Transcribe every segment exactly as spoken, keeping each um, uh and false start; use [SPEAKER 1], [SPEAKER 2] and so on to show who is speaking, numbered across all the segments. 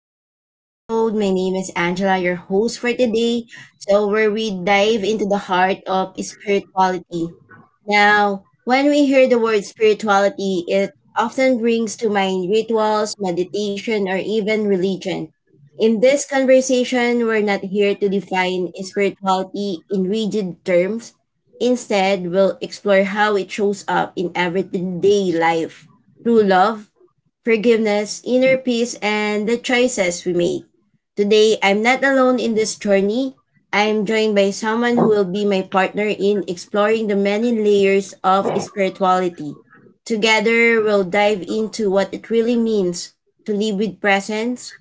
[SPEAKER 1] today's episode. My name is Angela, your host for today. So, where we dive into the heart of spirituality. Now, when we hear the word spirituality, it often brings to mind rituals, meditation, or even religion. In this conversation, we're not here to define spirituality in rigid terms. Instead, we'll explore how it shows up in everyday life through love forgiveness, inner peace, and the choices we make. Today, I'm not alone in this journey. I'm joined by someone who will be my partner in exploring the many layers of spirituality. Together, we'll dive into what it really means to live with presence,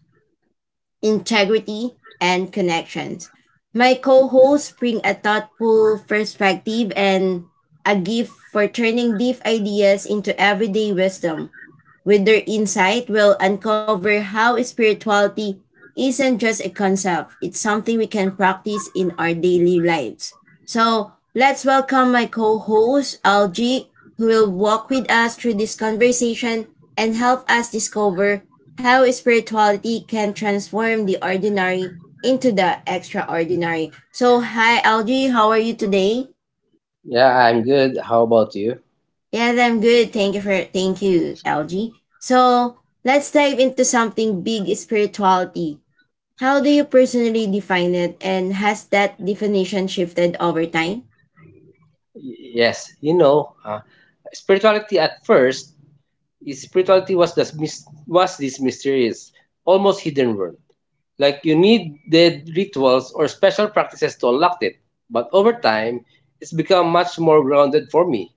[SPEAKER 1] integrity, and connections. My co hosts bring a thoughtful perspective and a gift for turning deep ideas into everyday wisdom. With their insight, we'll uncover how spirituality isn't just a concept, it's something we can practice in our daily lives. So let's welcome my co host, Algie, who will walk with us through this conversation and help us discover how spirituality can transform the ordinary into the extraordinary. So, hi, Algie, how are you today?
[SPEAKER 2] Yeah, I'm good. How about you?
[SPEAKER 1] Yes, I'm good. Thank you for thank you, L G. So let's dive into something big spirituality. How do you personally define it and has that definition shifted over time?
[SPEAKER 2] Y- Yes, you know, uh, spirituality at first, is- spirituality was this mys- was this mysterious, almost hidden world. Like you needed rituals or special practices to unlock it. But over time, it's become much more grounded for me.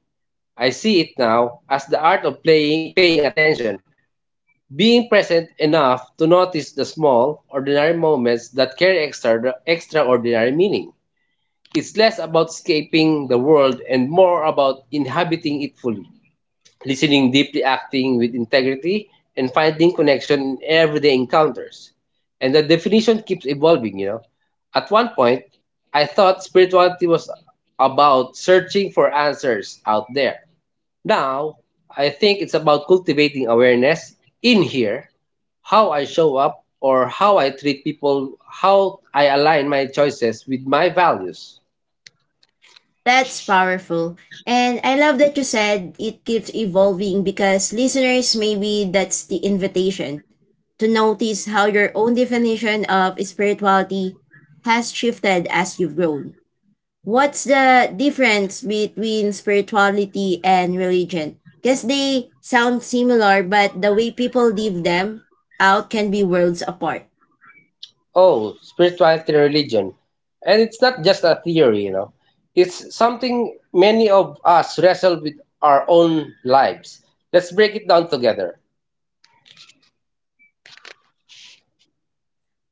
[SPEAKER 2] I see it now as the art of playing, paying attention, being present enough to notice the small, ordinary moments that carry extra, extraordinary meaning. It's less about escaping the world and more about inhabiting it fully, listening deeply, acting with integrity, and finding connection in everyday encounters. And the definition keeps evolving, you know. At one point, I thought spirituality was about searching for answers out there. Now, I think it's about cultivating awareness in here, how I show up or how I treat people, how I align my choices with my values.
[SPEAKER 1] That's powerful. And I love that you said it keeps evolving because listeners maybe that's the invitation to notice how your own definition of spirituality has shifted as you've grown. What's the difference between spirituality and religion? Because they sound similar, but the way people live them out can be worlds apart.
[SPEAKER 2] Oh, spirituality and religion. And it's not just a theory, you know. It's something many of us wrestle with our own lives. Let's break it down together.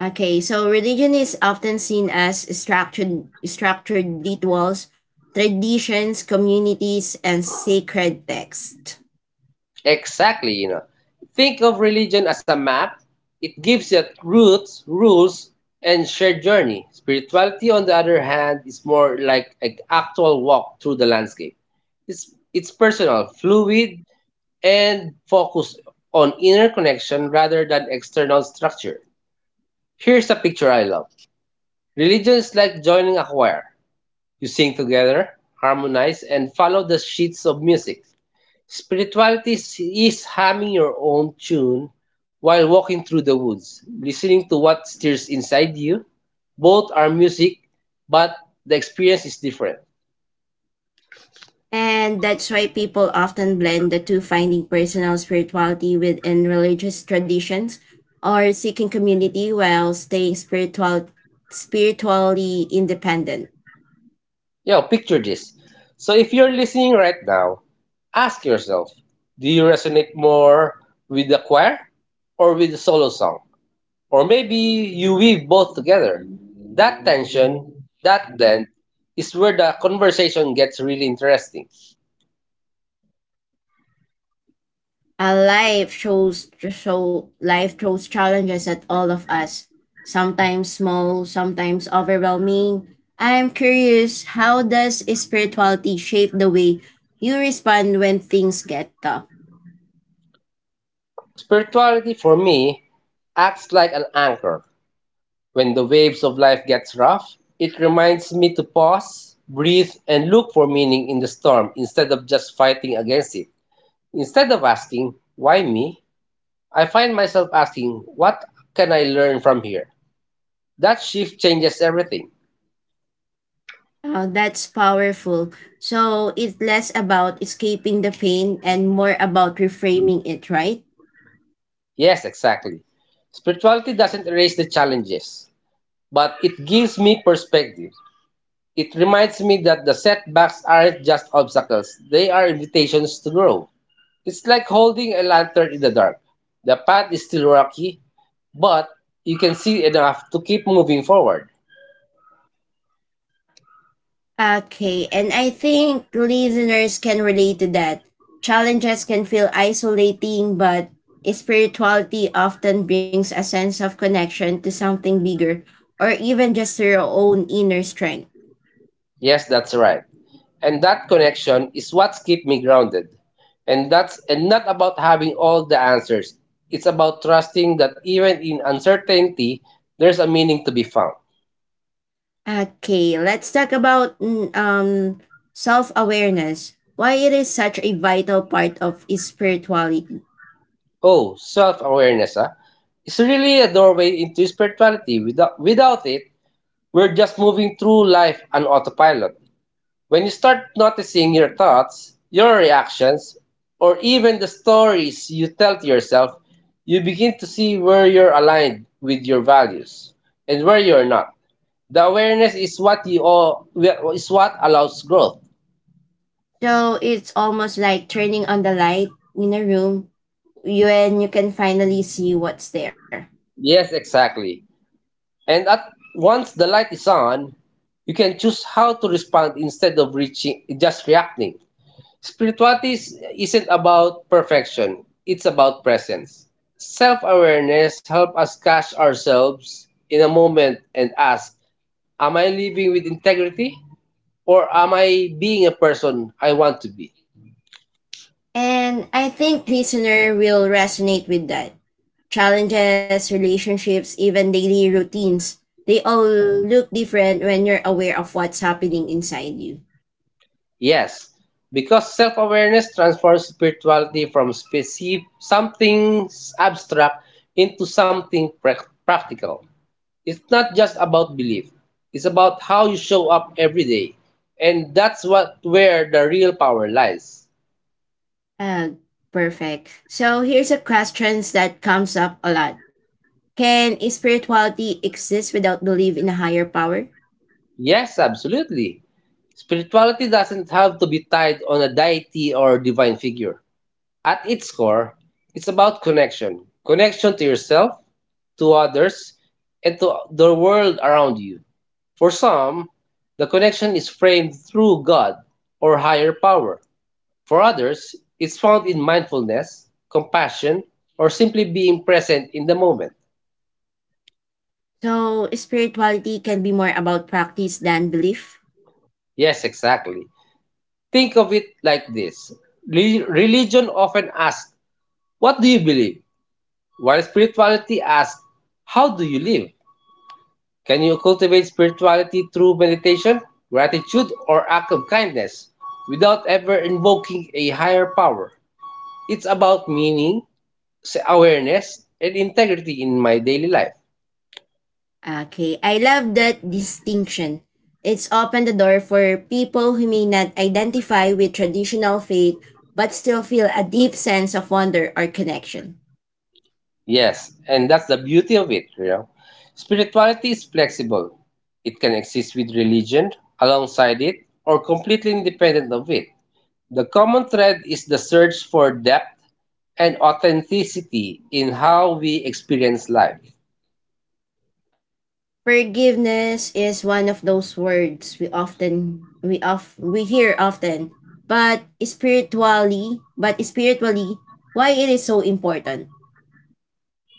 [SPEAKER 1] Okay, so religion is often seen as structured, structured rituals, traditions, communities, and sacred texts.
[SPEAKER 2] Exactly, you know. Think of religion as a map. It gives you roots, rules, and shared journey. Spirituality, on the other hand, is more like an actual walk through the landscape. It's it's personal, fluid, and focused on inner connection rather than external structure. Here's a picture I love. Religion is like joining a choir. You sing together, harmonize, and follow the sheets of music. Spirituality is humming your own tune while walking through the woods, listening to what stirs inside you. Both are music, but the experience is different.
[SPEAKER 1] And that's why people often blend the two, finding personal spirituality within religious traditions or seeking community while staying spiritual, spiritually independent.
[SPEAKER 2] Yo, picture this. So if you're listening right now, ask yourself, do you resonate more with the choir or with the solo song? Or maybe you weave both together. That tension, that blend, is where the conversation gets really interesting.
[SPEAKER 1] A life shows so life throws challenges at all of us, sometimes small, sometimes overwhelming. I am curious, how does spirituality shape the way you respond when things get tough?
[SPEAKER 2] Spirituality for me acts like an anchor. When the waves of life gets rough, it reminds me to pause, breathe, and look for meaning in the storm instead of just fighting against it. Instead of asking, why me? I find myself asking, what can I learn from here? That shift changes everything.
[SPEAKER 1] Oh, that's powerful. So it's less about escaping the pain and more about reframing it, right?
[SPEAKER 2] Yes, exactly. Spirituality doesn't erase the challenges, but it gives me perspective. It reminds me that the setbacks aren't just obstacles, they are invitations to grow. It's like holding a lantern in the dark. The path is still rocky, but you can see enough to keep moving forward.
[SPEAKER 1] Okay, and I think listeners can relate to that. Challenges can feel isolating, but spirituality often brings a sense of connection to something bigger or even just to your own inner strength.
[SPEAKER 2] Yes, that's right. And that connection is what keeps me grounded. And that's and not about having all the answers. It's about trusting that even in uncertainty, there's a meaning to be found.
[SPEAKER 1] Okay, let's talk about mm, um self-awareness. Why it is such a vital part of spirituality.
[SPEAKER 2] Oh, self-awareness, ah. It's really a doorway into spirituality. Without without it, we're just moving through life on autopilot. When you start noticing your thoughts, your reactions, or even the stories you tell to yourself, you begin to see where you're aligned with your values and where you're not. The awareness is what you all, is what allows growth.
[SPEAKER 1] So it's almost like turning on the light in a room when you can finally see what's there.
[SPEAKER 2] Yes, exactly. And at once the light is on, you can choose how to respond instead of reaching just reacting. Spirituality is- isn't about perfection, it's about presence. Self awareness helps us catch ourselves in a moment and ask, am I living with integrity? Or am I being a person I want to be?
[SPEAKER 1] And I think listener will resonate with that. Challenges, relationships, even daily routines, they all look different when you're aware of what's happening inside you.
[SPEAKER 2] Yes, because self awareness transforms spirituality from specific, something abstract into something prac- practical. It's not just about belief. It's about how you show up every day. And that's what where the real power lies.
[SPEAKER 1] Uh, Perfect. So here's a question that comes up a lot. Can spirituality exist without belief in a higher power?
[SPEAKER 2] Yes, absolutely. Spirituality doesn't have to be tied on a deity or divine figure. At its core, it's about connection. Connection to yourself, to others, and to the world around you. For some, the connection is framed through God or higher power. For others, it's found in mindfulness, compassion, or simply being present in the moment.
[SPEAKER 1] So spirituality can be more about practice than belief.
[SPEAKER 2] Yes, exactly. Think of it like this. Re- Religion often asks, what do you believe? While spirituality asks, how do you live? Can you cultivate spirituality through meditation, gratitude, or act of kindness without ever invoking a higher power? It's about meaning, s- awareness, and integrity in my daily life.
[SPEAKER 1] Okay, I love that distinction. It's opened the door for people who may not identify with traditional faith but still feel a deep sense of wonder or connection.
[SPEAKER 2] Yes, and that's the beauty of it, you know. Spirituality is flexible. It can exist with religion, alongside it, or completely independent of it. The common thread is the search for depth and authenticity in how we experience life.
[SPEAKER 1] Forgiveness is one of those words we often we of we hear often, but spiritually, but spiritually, why it is so important.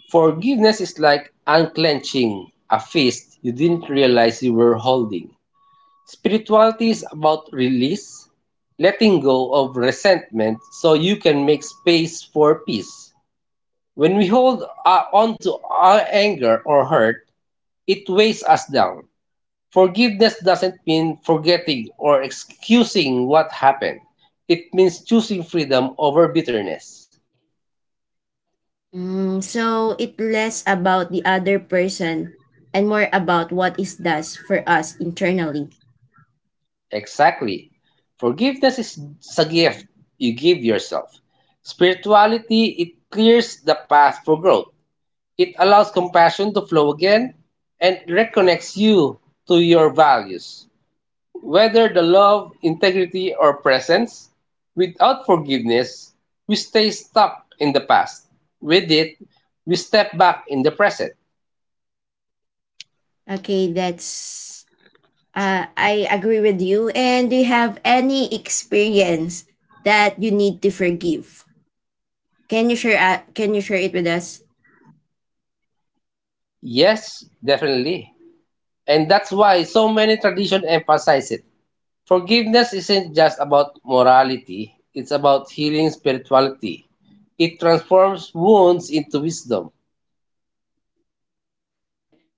[SPEAKER 2] Forgiveness is like unclenching a fist you didn't realize you were holding. Spirituality is about release, letting go of resentment so you can make space for peace. When we hold uh, on to our anger or hurt, it weighs us down. Forgiveness doesn't mean forgetting or excusing what happened. It means choosing freedom over bitterness.
[SPEAKER 1] Mm, so it less about the other person and more about what it does for us internally.
[SPEAKER 2] Exactly. Forgiveness is it's a gift you give yourself. Spirituality, it clears the path for growth. It allows compassion to flow again and reconnects you to your values. Whether the love, integrity, or presence, without forgiveness, we stay stuck in the past. With it, we step back in the present.
[SPEAKER 1] Okay, that's uh, I agree with you. And do you have any experience that you need to forgive? Can you share? Uh, can you share it with us?
[SPEAKER 2] Yes, definitely. And that's why so many traditions emphasize it. Forgiveness isn't just about morality, it's about healing spirituality. It transforms wounds into wisdom.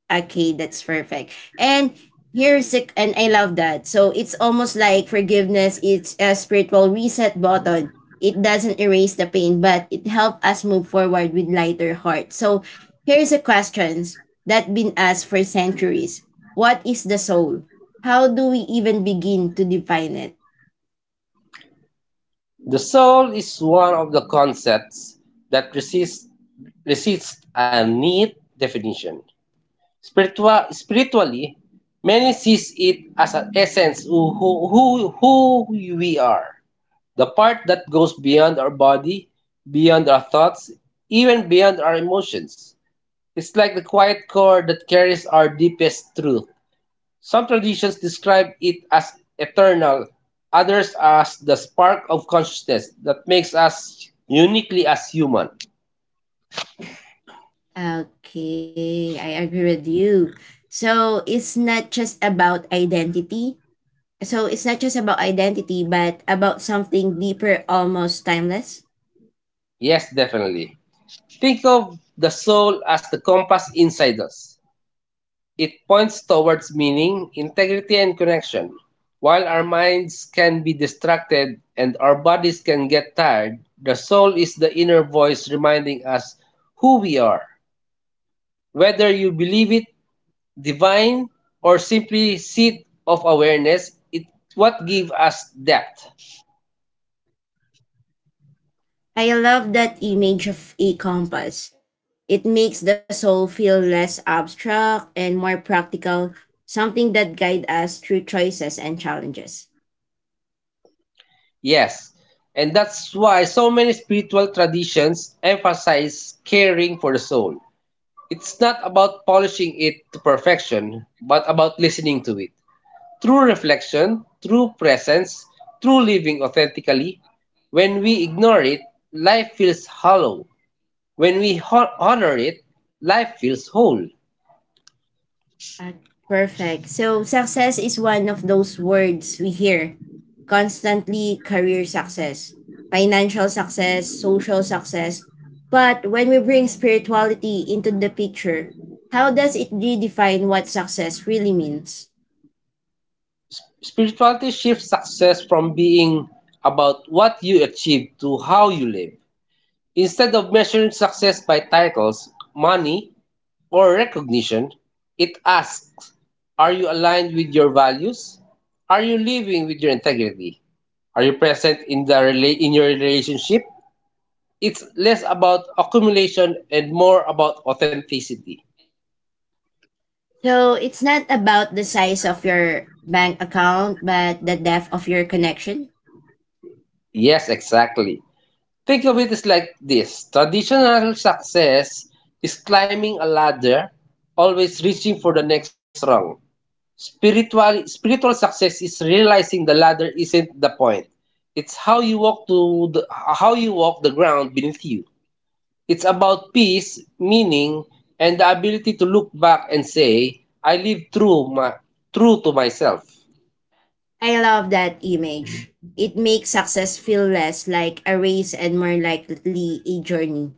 [SPEAKER 1] Okay, that's perfect. And here's the, and I love that. So it's almost like forgiveness. It's a spiritual reset button. It doesn't erase the pain, but it helps us move forward with lighter heart. So here's a questions that been asked for centuries. What is the soul? How do we even begin to define it?
[SPEAKER 2] The soul is one of the concepts that resists, resists a neat definition. Spiritua- spiritually, many sees it as an essence who, who, who, who we are, the part that goes beyond our body, beyond our thoughts, even beyond our emotions. It's like the quiet core that carries our deepest truth. Some traditions describe it as eternal, others as the spark of consciousness that makes us uniquely as human.
[SPEAKER 1] Okay, I agree with you. So it's not just about identity, So it's not just about identity, but about something deeper, almost timeless.
[SPEAKER 2] Yes, definitely. Think of the soul as the compass inside us. It points towards meaning, integrity, and connection. While our minds can be distracted and our bodies can get tired, the soul is the inner voice reminding us who we are. Whether you believe it divine or simply seed of awareness, it's what gives us depth.
[SPEAKER 1] I love that image of a compass. It makes the soul feel less abstract and more practical, something that guides us through choices and challenges.
[SPEAKER 2] Yes, and that's why so many spiritual traditions emphasize caring for the soul. It's not about polishing it to perfection, but about listening to it. True reflection, true presence, true living authentically. When we ignore it, life feels hollow. When we ho- honor it, life feels whole.
[SPEAKER 1] Uh, Perfect. So, success is one of those words we hear constantly career success, financial success, social success. But when we bring spirituality into the picture, how does it redefine what success really means?
[SPEAKER 2] Spirituality shifts success from being about what you achieve to how you live. Instead of measuring success by titles, money, for recognition, it asks, are you aligned with your values? Are you living with your integrity? Are you present in, the rela- in your relationship? It's less about accumulation and more about authenticity.
[SPEAKER 1] So, it's not about the size of your bank account, but the depth of your connection.
[SPEAKER 2] Yes, exactly. Think of it as like this, traditional success is climbing a ladder, always reaching for the next rung. Spiritual spiritual success is realizing the ladder isn't the point. It's how you walk to the, how you walk the ground beneath you. It's about peace, meaning, and the ability to look back and say, I live true my true to myself.
[SPEAKER 1] I love that image. It makes success feel less like a race and more likely a journey.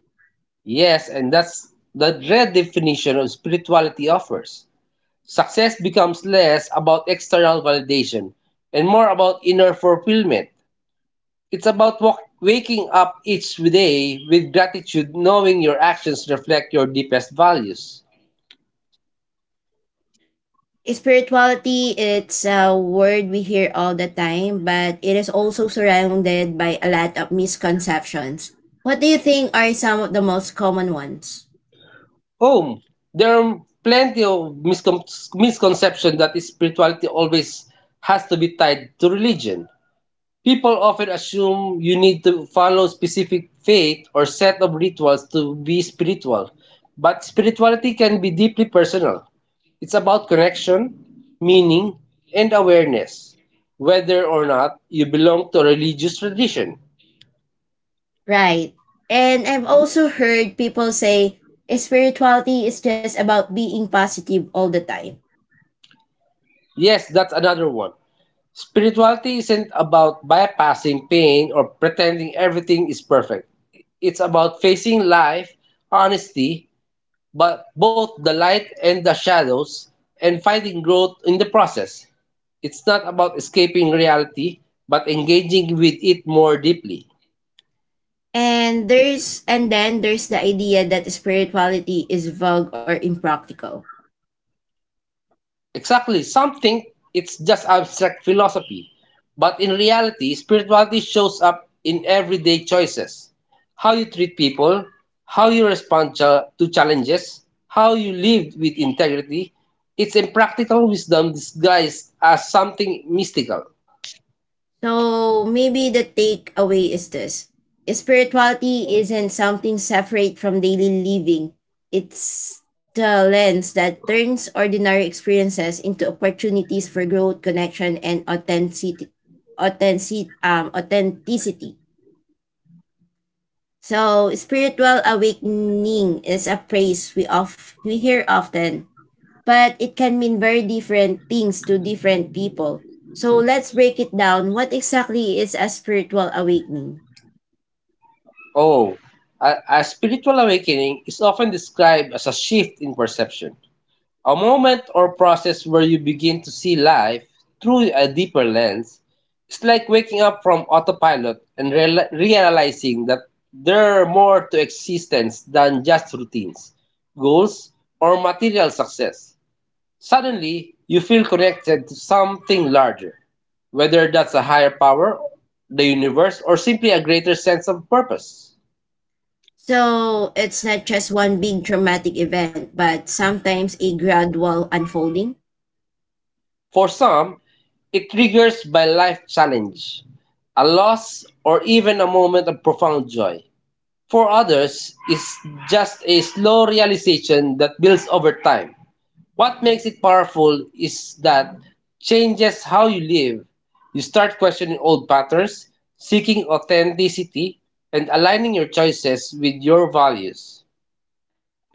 [SPEAKER 2] Yes, and that's the red definition of spirituality offers. Success becomes less about external validation and more about inner fulfillment. It's about wak waking up each day with gratitude, knowing your actions reflect your deepest values.
[SPEAKER 1] Spirituality, it's a word we hear all the time, but it is also surrounded by a lot of misconceptions. What do you think are some of the most common ones?
[SPEAKER 2] Home. There are plenty of miscon- misconceptions that spirituality always has to be tied to religion. People often assume you need to follow specific faith or set of rituals to be spiritual, but spirituality can be deeply personal. It's about connection, meaning, and awareness, whether or not you belong to a religious tradition.
[SPEAKER 1] Right. And I've also heard people say spirituality is just about being positive all the time.
[SPEAKER 2] Yes, that's another one. Spirituality isn't about bypassing pain or pretending everything is perfect. It's about facing life, honesty, but both the light and the shadows and finding growth in the process. It's not about escaping reality, but engaging with it more deeply.
[SPEAKER 1] And there's and then there's the idea that spirituality is vague or impractical.
[SPEAKER 2] Exactly, something it's just abstract philosophy. But in reality, spirituality shows up in everyday choices. How you treat people, how you respond cha- to challenges, how you live with integrity. It's a practical wisdom disguised as something mystical.
[SPEAKER 1] So maybe the takeaway is this spirituality isn't something separate from daily living, it's the lens that turns ordinary experiences into opportunities for growth, connection, and authenticity. Authentic, um, authenticity. So, spiritual awakening is a phrase we of we hear often, but it can mean very different things to different people. So let's break it down. What exactly is a spiritual awakening?
[SPEAKER 2] Oh, a, a spiritual awakening is often described as a shift in perception, a moment or process where you begin to see life through a deeper lens. It's like waking up from autopilot and real- realizing that there are more to existence than just routines, goals, or material success. Suddenly, you feel connected to something larger, whether that's a higher power, the universe, or simply a greater sense of purpose.
[SPEAKER 1] So it's not just one big traumatic event, but sometimes a gradual unfolding.
[SPEAKER 2] For some, it triggers by life challenge, a loss, or even a moment of profound joy. For others, it's just a slow realization that builds over time. What makes it powerful is that changes how you live. You start questioning old patterns, seeking authenticity, and aligning your choices with your values.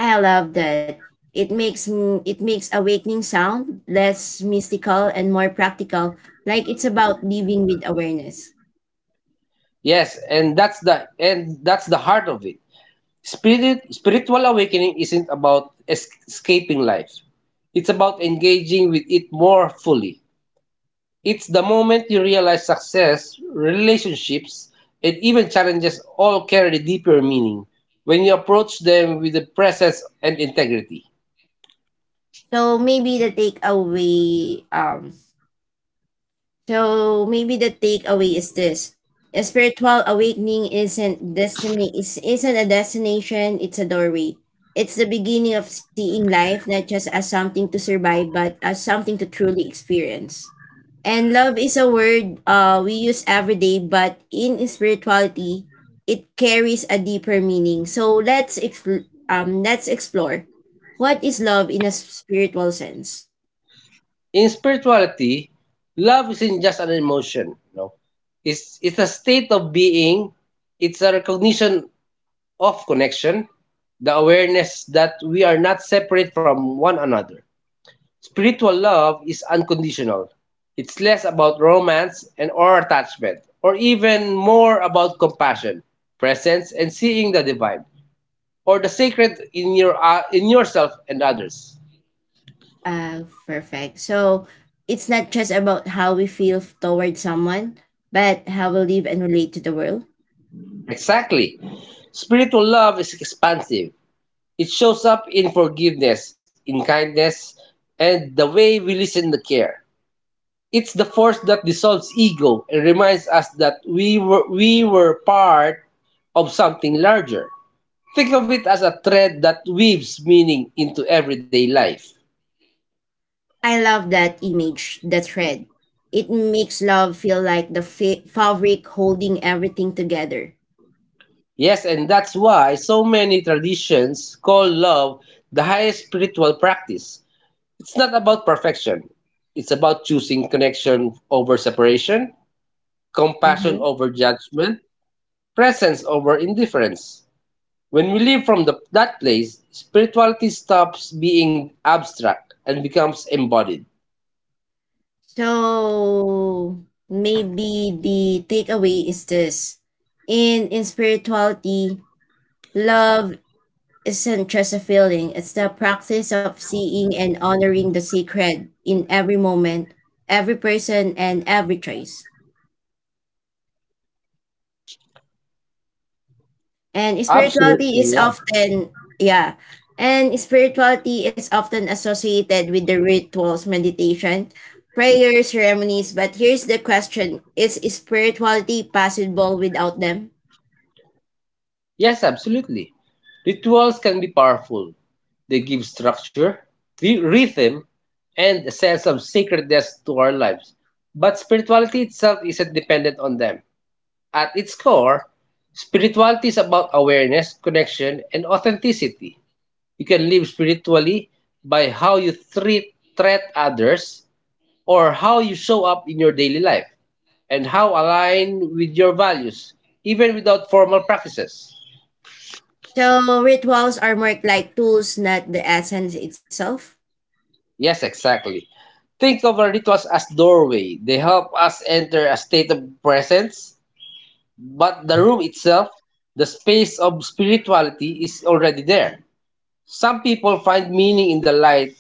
[SPEAKER 1] I love that. It makes m- it makes awakening sound less mystical and more practical, like it's about living with awareness.
[SPEAKER 2] Yes, and that's the and that's the heart of it. Spirit, spiritual awakening isn't about es- escaping life. It's about engaging with it more fully. It's the moment you realize success, relationships, and even challenges all carry deeper meaning when you approach them with the presence and integrity.
[SPEAKER 1] So maybe the takeaway um So maybe the takeaway is this. A spiritual awakening isn't destiny is isn't a destination, it's a doorway. It's the beginning of seeing life not just as something to survive, but as something to truly experience. And love is a word uh, we use every day, but in spirituality, it carries a deeper meaning. So let's expl- um let's explore what is love in a spiritual sense.
[SPEAKER 2] In spirituality, love isn't just an emotion, no. It's it's a state of being, it's a recognition of connection, the awareness that we are not separate from one another. Spiritual love is unconditional. It's less about romance and or attachment, or even more about compassion, presence, and seeing the divine, or the sacred in your uh, in yourself and others.
[SPEAKER 1] Uh, perfect. So it's not just about how we feel f- toward someone, but how we live and relate to the world.
[SPEAKER 2] Exactly. Spiritual love is expansive. It shows up in forgiveness, in kindness, and the way we listen and care. It's the force that dissolves ego and reminds us that we were, we were part of something larger. Think of it as a thread that weaves meaning into everyday life.
[SPEAKER 1] I love that image, the thread. It makes love feel like the fa- fabric holding everything together.
[SPEAKER 2] Yes, and that's why so many traditions call love the highest spiritual practice. It's not about perfection, it's about choosing connection over separation, compassion
[SPEAKER 1] Hmm
[SPEAKER 2] over judgment, presence over indifference. When we live from the, that place, spirituality stops being abstract and becomes embodied.
[SPEAKER 1] So maybe the takeaway is this: in in spirituality, love isn't just a feeling, it's the practice of seeing and honoring the sacred in every moment, every person, and every choice. And
[SPEAKER 2] Absolutely,
[SPEAKER 1] spirituality is
[SPEAKER 2] yeah.
[SPEAKER 1] often, Yeah, and spirituality is often associated with the rituals, meditation, prayer, ceremonies. But here's the question: is spirituality possible without them?
[SPEAKER 2] Yes, absolutely. Rituals can be powerful. They give structure, th- rhythm, and a sense of sacredness to our lives. But spirituality itself isn't dependent on them. At its core, spirituality is about awareness, connection, and authenticity. You can live spiritually by how you treat, treat others, or how you show up in your daily life and how align with your values, even without formal practices.
[SPEAKER 1] So, rituals are more like tools, not the essence itself.
[SPEAKER 2] Yes, exactly. Think of our rituals as doorway. They help us enter a state of presence, but the room itself, the space of spirituality, is already there. Some people find meaning in the light,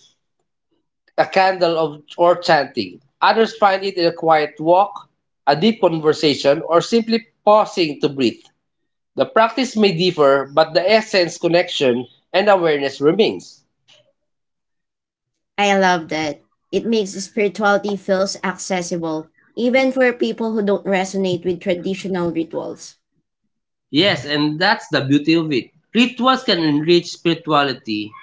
[SPEAKER 2] a candle of or chanting. Others find it in a quiet walk, a deep conversation, or simply pausing to breathe. The practice may differ, but the essence, connection, and awareness remains.
[SPEAKER 1] I love that. It makes spirituality feels accessible, even for people who don't resonate with traditional rituals.
[SPEAKER 2] Yes, and that's the beauty of it. Rituals can enrich spirituality,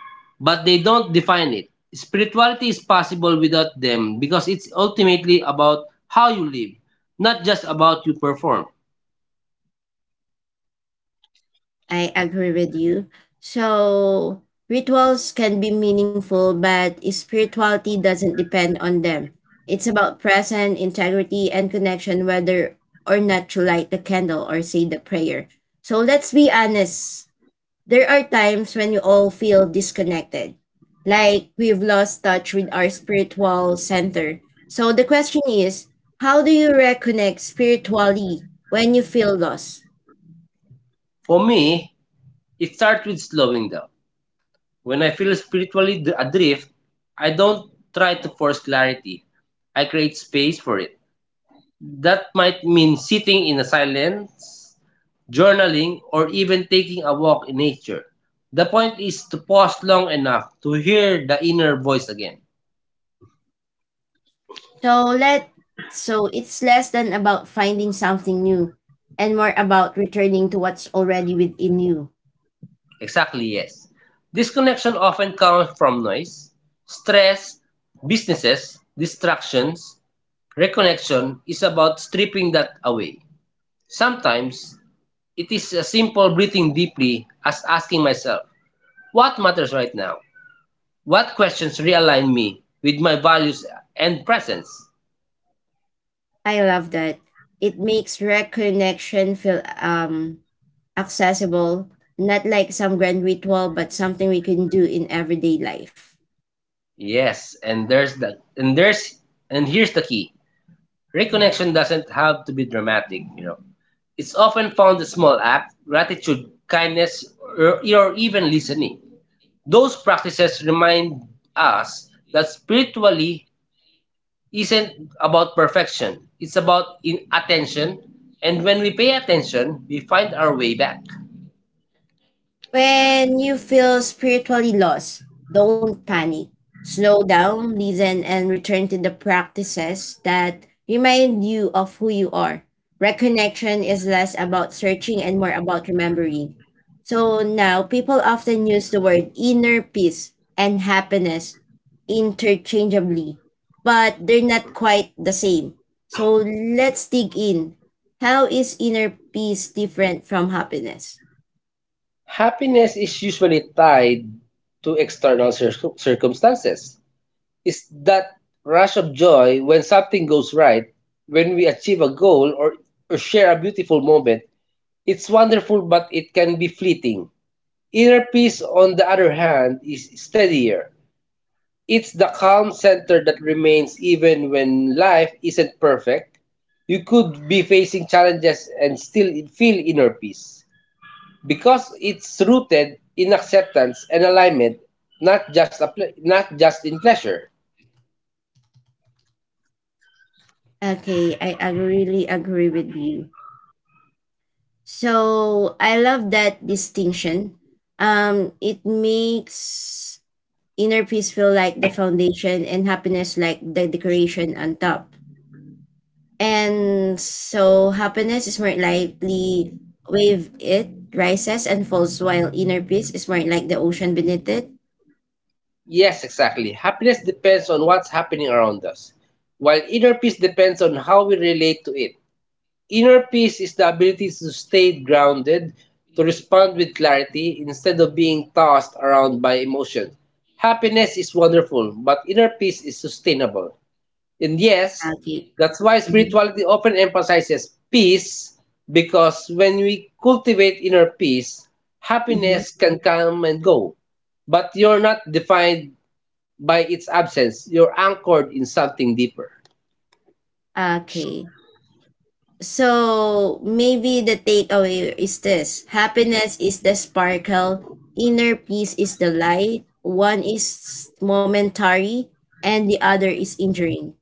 [SPEAKER 2] but they don't define it. Spirituality is possible without them because it's ultimately about how you live, not just about you perform.
[SPEAKER 1] I agree with you. So, rituals can be meaningful, but spirituality doesn't depend on them. It's about present integrity and connection, whether or not you light the candle or say the prayer. So, let's be honest. There are times when you all feel disconnected, like we've lost touch with our spiritual center. So the question is, how do you reconnect spiritually when you feel lost?
[SPEAKER 2] For me, it starts with slowing down. When I feel spiritually d- adrift, I don't try to force clarity. I create space for it. That might mean sitting in a silence journaling, or even taking a walk in nature. The point is to pause long enough to hear the inner voice again.
[SPEAKER 1] So let so it's less than about finding something new and more about returning to what's already within you.
[SPEAKER 2] Exactly, yes. Disconnection often comes from noise, stress, businesses, distractions. Reconnection is about stripping that away. Sometimes it is a simple breathing deeply as asking myself, what matters right now? What questions realign me with my values and presence?
[SPEAKER 1] I love that. It makes reconnection feel um accessible, not like some grand ritual, but something we can do in everyday life.
[SPEAKER 2] Yes, and there's the and there's and here's the key. Reconnection doesn't have to be dramatic, you know. It's often found in small act, gratitude, kindness, or, or even listening. Those practices remind us that spiritually isn't about perfection. It's about in attention, and when we pay attention, we find our way back.
[SPEAKER 1] When you feel spiritually lost, don't panic. Slow down, listen, and return to the practices that remind you of who you are. Reconnection is less about searching and more about remembering. So now, people often use the word inner peace and happiness interchangeably, but they're not quite the same. So let's dig in. How is inner peace different from happiness?
[SPEAKER 2] Happiness is usually tied to external cir- circumstances is that rush of joy when something goes right, when we achieve a goal or, or share a beautiful moment. It's wonderful, but it can be fleeting. Inner peace, on the other hand, is steadier. It's the calm center that remains even when life isn't perfect. You could be facing challenges and still feel inner peace because it's rooted in acceptance and alignment, not just a ple- not just in pleasure.
[SPEAKER 1] Okay, I, I really agree with you. So I love that distinction. Um, it makes inner peace feel like the foundation and happiness like the decoration on top. And so happiness is more likely wave it rises and falls while inner peace is more like the ocean beneath it.
[SPEAKER 2] Yes, exactly. Happiness depends on what's happening around us, while inner peace depends on how we relate to it. Inner peace is the ability to stay grounded, to respond with clarity instead of being tossed around by emotions. Happiness is wonderful, but inner peace is sustainable. And yes,
[SPEAKER 1] Okay.
[SPEAKER 2] that's why
[SPEAKER 1] Mm-hmm.
[SPEAKER 2] spirituality often emphasizes peace, because when we cultivate inner peace,
[SPEAKER 1] Mm-hmm.
[SPEAKER 2] happiness can come and go. But you're not defined by its absence, you're anchored in something deeper.
[SPEAKER 1] Okay. So maybe the takeaway is this happiness is the sparkle, inner peace is the light, one is momentary, and the other is enduring.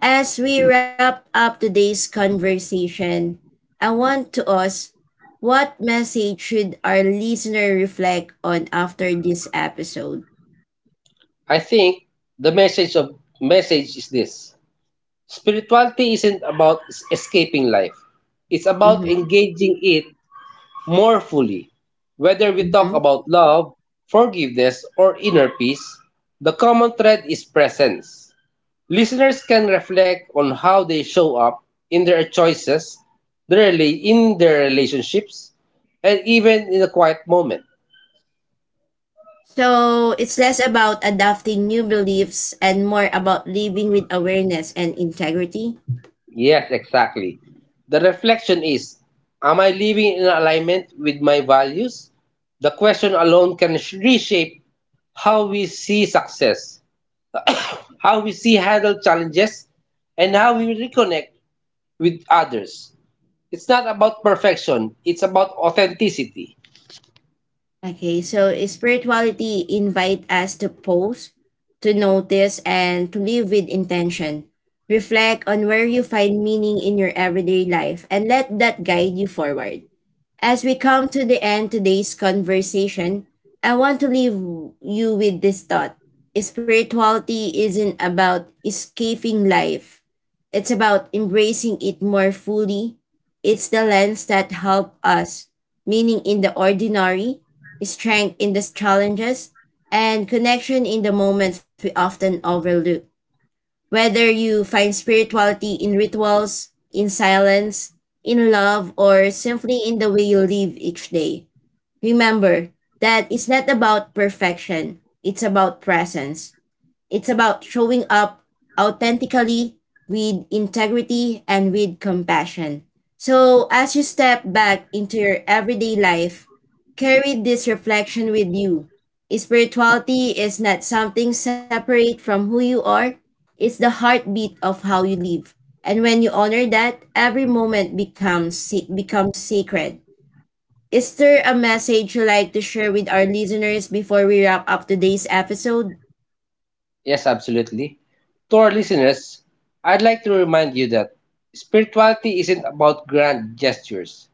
[SPEAKER 1] As we wrap up today's conversation, I want to ask what message should our listener reflect on after this episode?
[SPEAKER 2] I think the message of message is this. Spirituality isn't about es- escaping life. It's about
[SPEAKER 1] Mm-hmm,
[SPEAKER 2] engaging it more fully. Whether we talk
[SPEAKER 1] mm-hmm.
[SPEAKER 2] about love, forgiveness, or inner peace, the common thread is presence. Listeners can reflect on how they show up in their choices, their rela- in their relationships, and even in a quiet moment.
[SPEAKER 1] So it's less about adopting new beliefs and more about living with awareness and integrity.
[SPEAKER 2] Yes, exactly. The reflection is, am I living in alignment with my values? The question alone can sh- reshape how we see success how we see handle challenges, and how we reconnect with others. It's not about perfection, it's about authenticity.
[SPEAKER 1] Okay, so spirituality invite us to pause, to notice, and to live with intention. Reflect on where you find meaning in your everyday life and let that guide you forward. As we come to the end today's conversation, I want to leave you with this thought. Spirituality isn't about escaping life. It's about embracing it more fully. It's the lens that helps us, meaning in the ordinary, strength in the challenges, and connection in the moments we often overlook. Whether you find spirituality in rituals, in silence, in love, or simply in the way you live each day, remember that it's not about perfection, it's about presence. It's about showing up authentically, with integrity, and with compassion. So, as you step back into your everyday life, carry this reflection with you. Spirituality is not something separate from who you are. It's the heartbeat of how you live. And when you honor that, every moment becomes se- becomes sacred. Is there a message you like to share with our listeners before we wrap up today's episode?
[SPEAKER 2] Yes, absolutely. To our listeners, I'd like to remind you that spirituality isn't about grand gestures.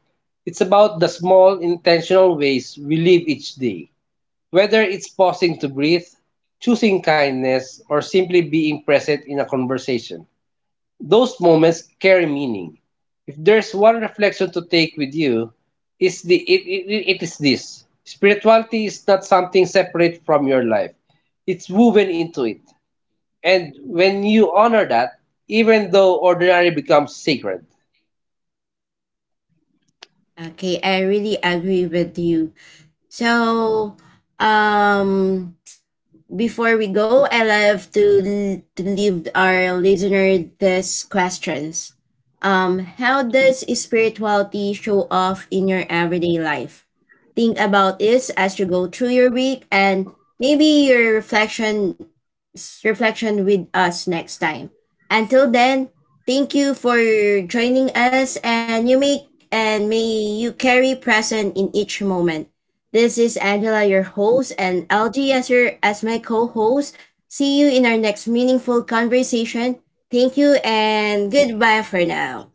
[SPEAKER 2] It's about the small intentional ways we live each day. Whether it's pausing to breathe, choosing kindness, or simply being present in a conversation. Those moments carry meaning. If there's one reflection to take with you, is the it, it, it is this. Spirituality is not something separate from your life. It's woven into it. And when you honor that, even though ordinary becomes sacred.
[SPEAKER 1] Okay, I really agree with you. So, um before we go, I love to, to leave our listener this questions. Um, how does spirituality show off in your everyday life? Think about this as you go through your week and maybe your reflection reflection with us next time. Until then, thank you for joining us and you make and may you carry present in each moment. This is Angela, your host, and L G as, your, as my co host. See you in our next meaningful conversation. Thank you and goodbye for now.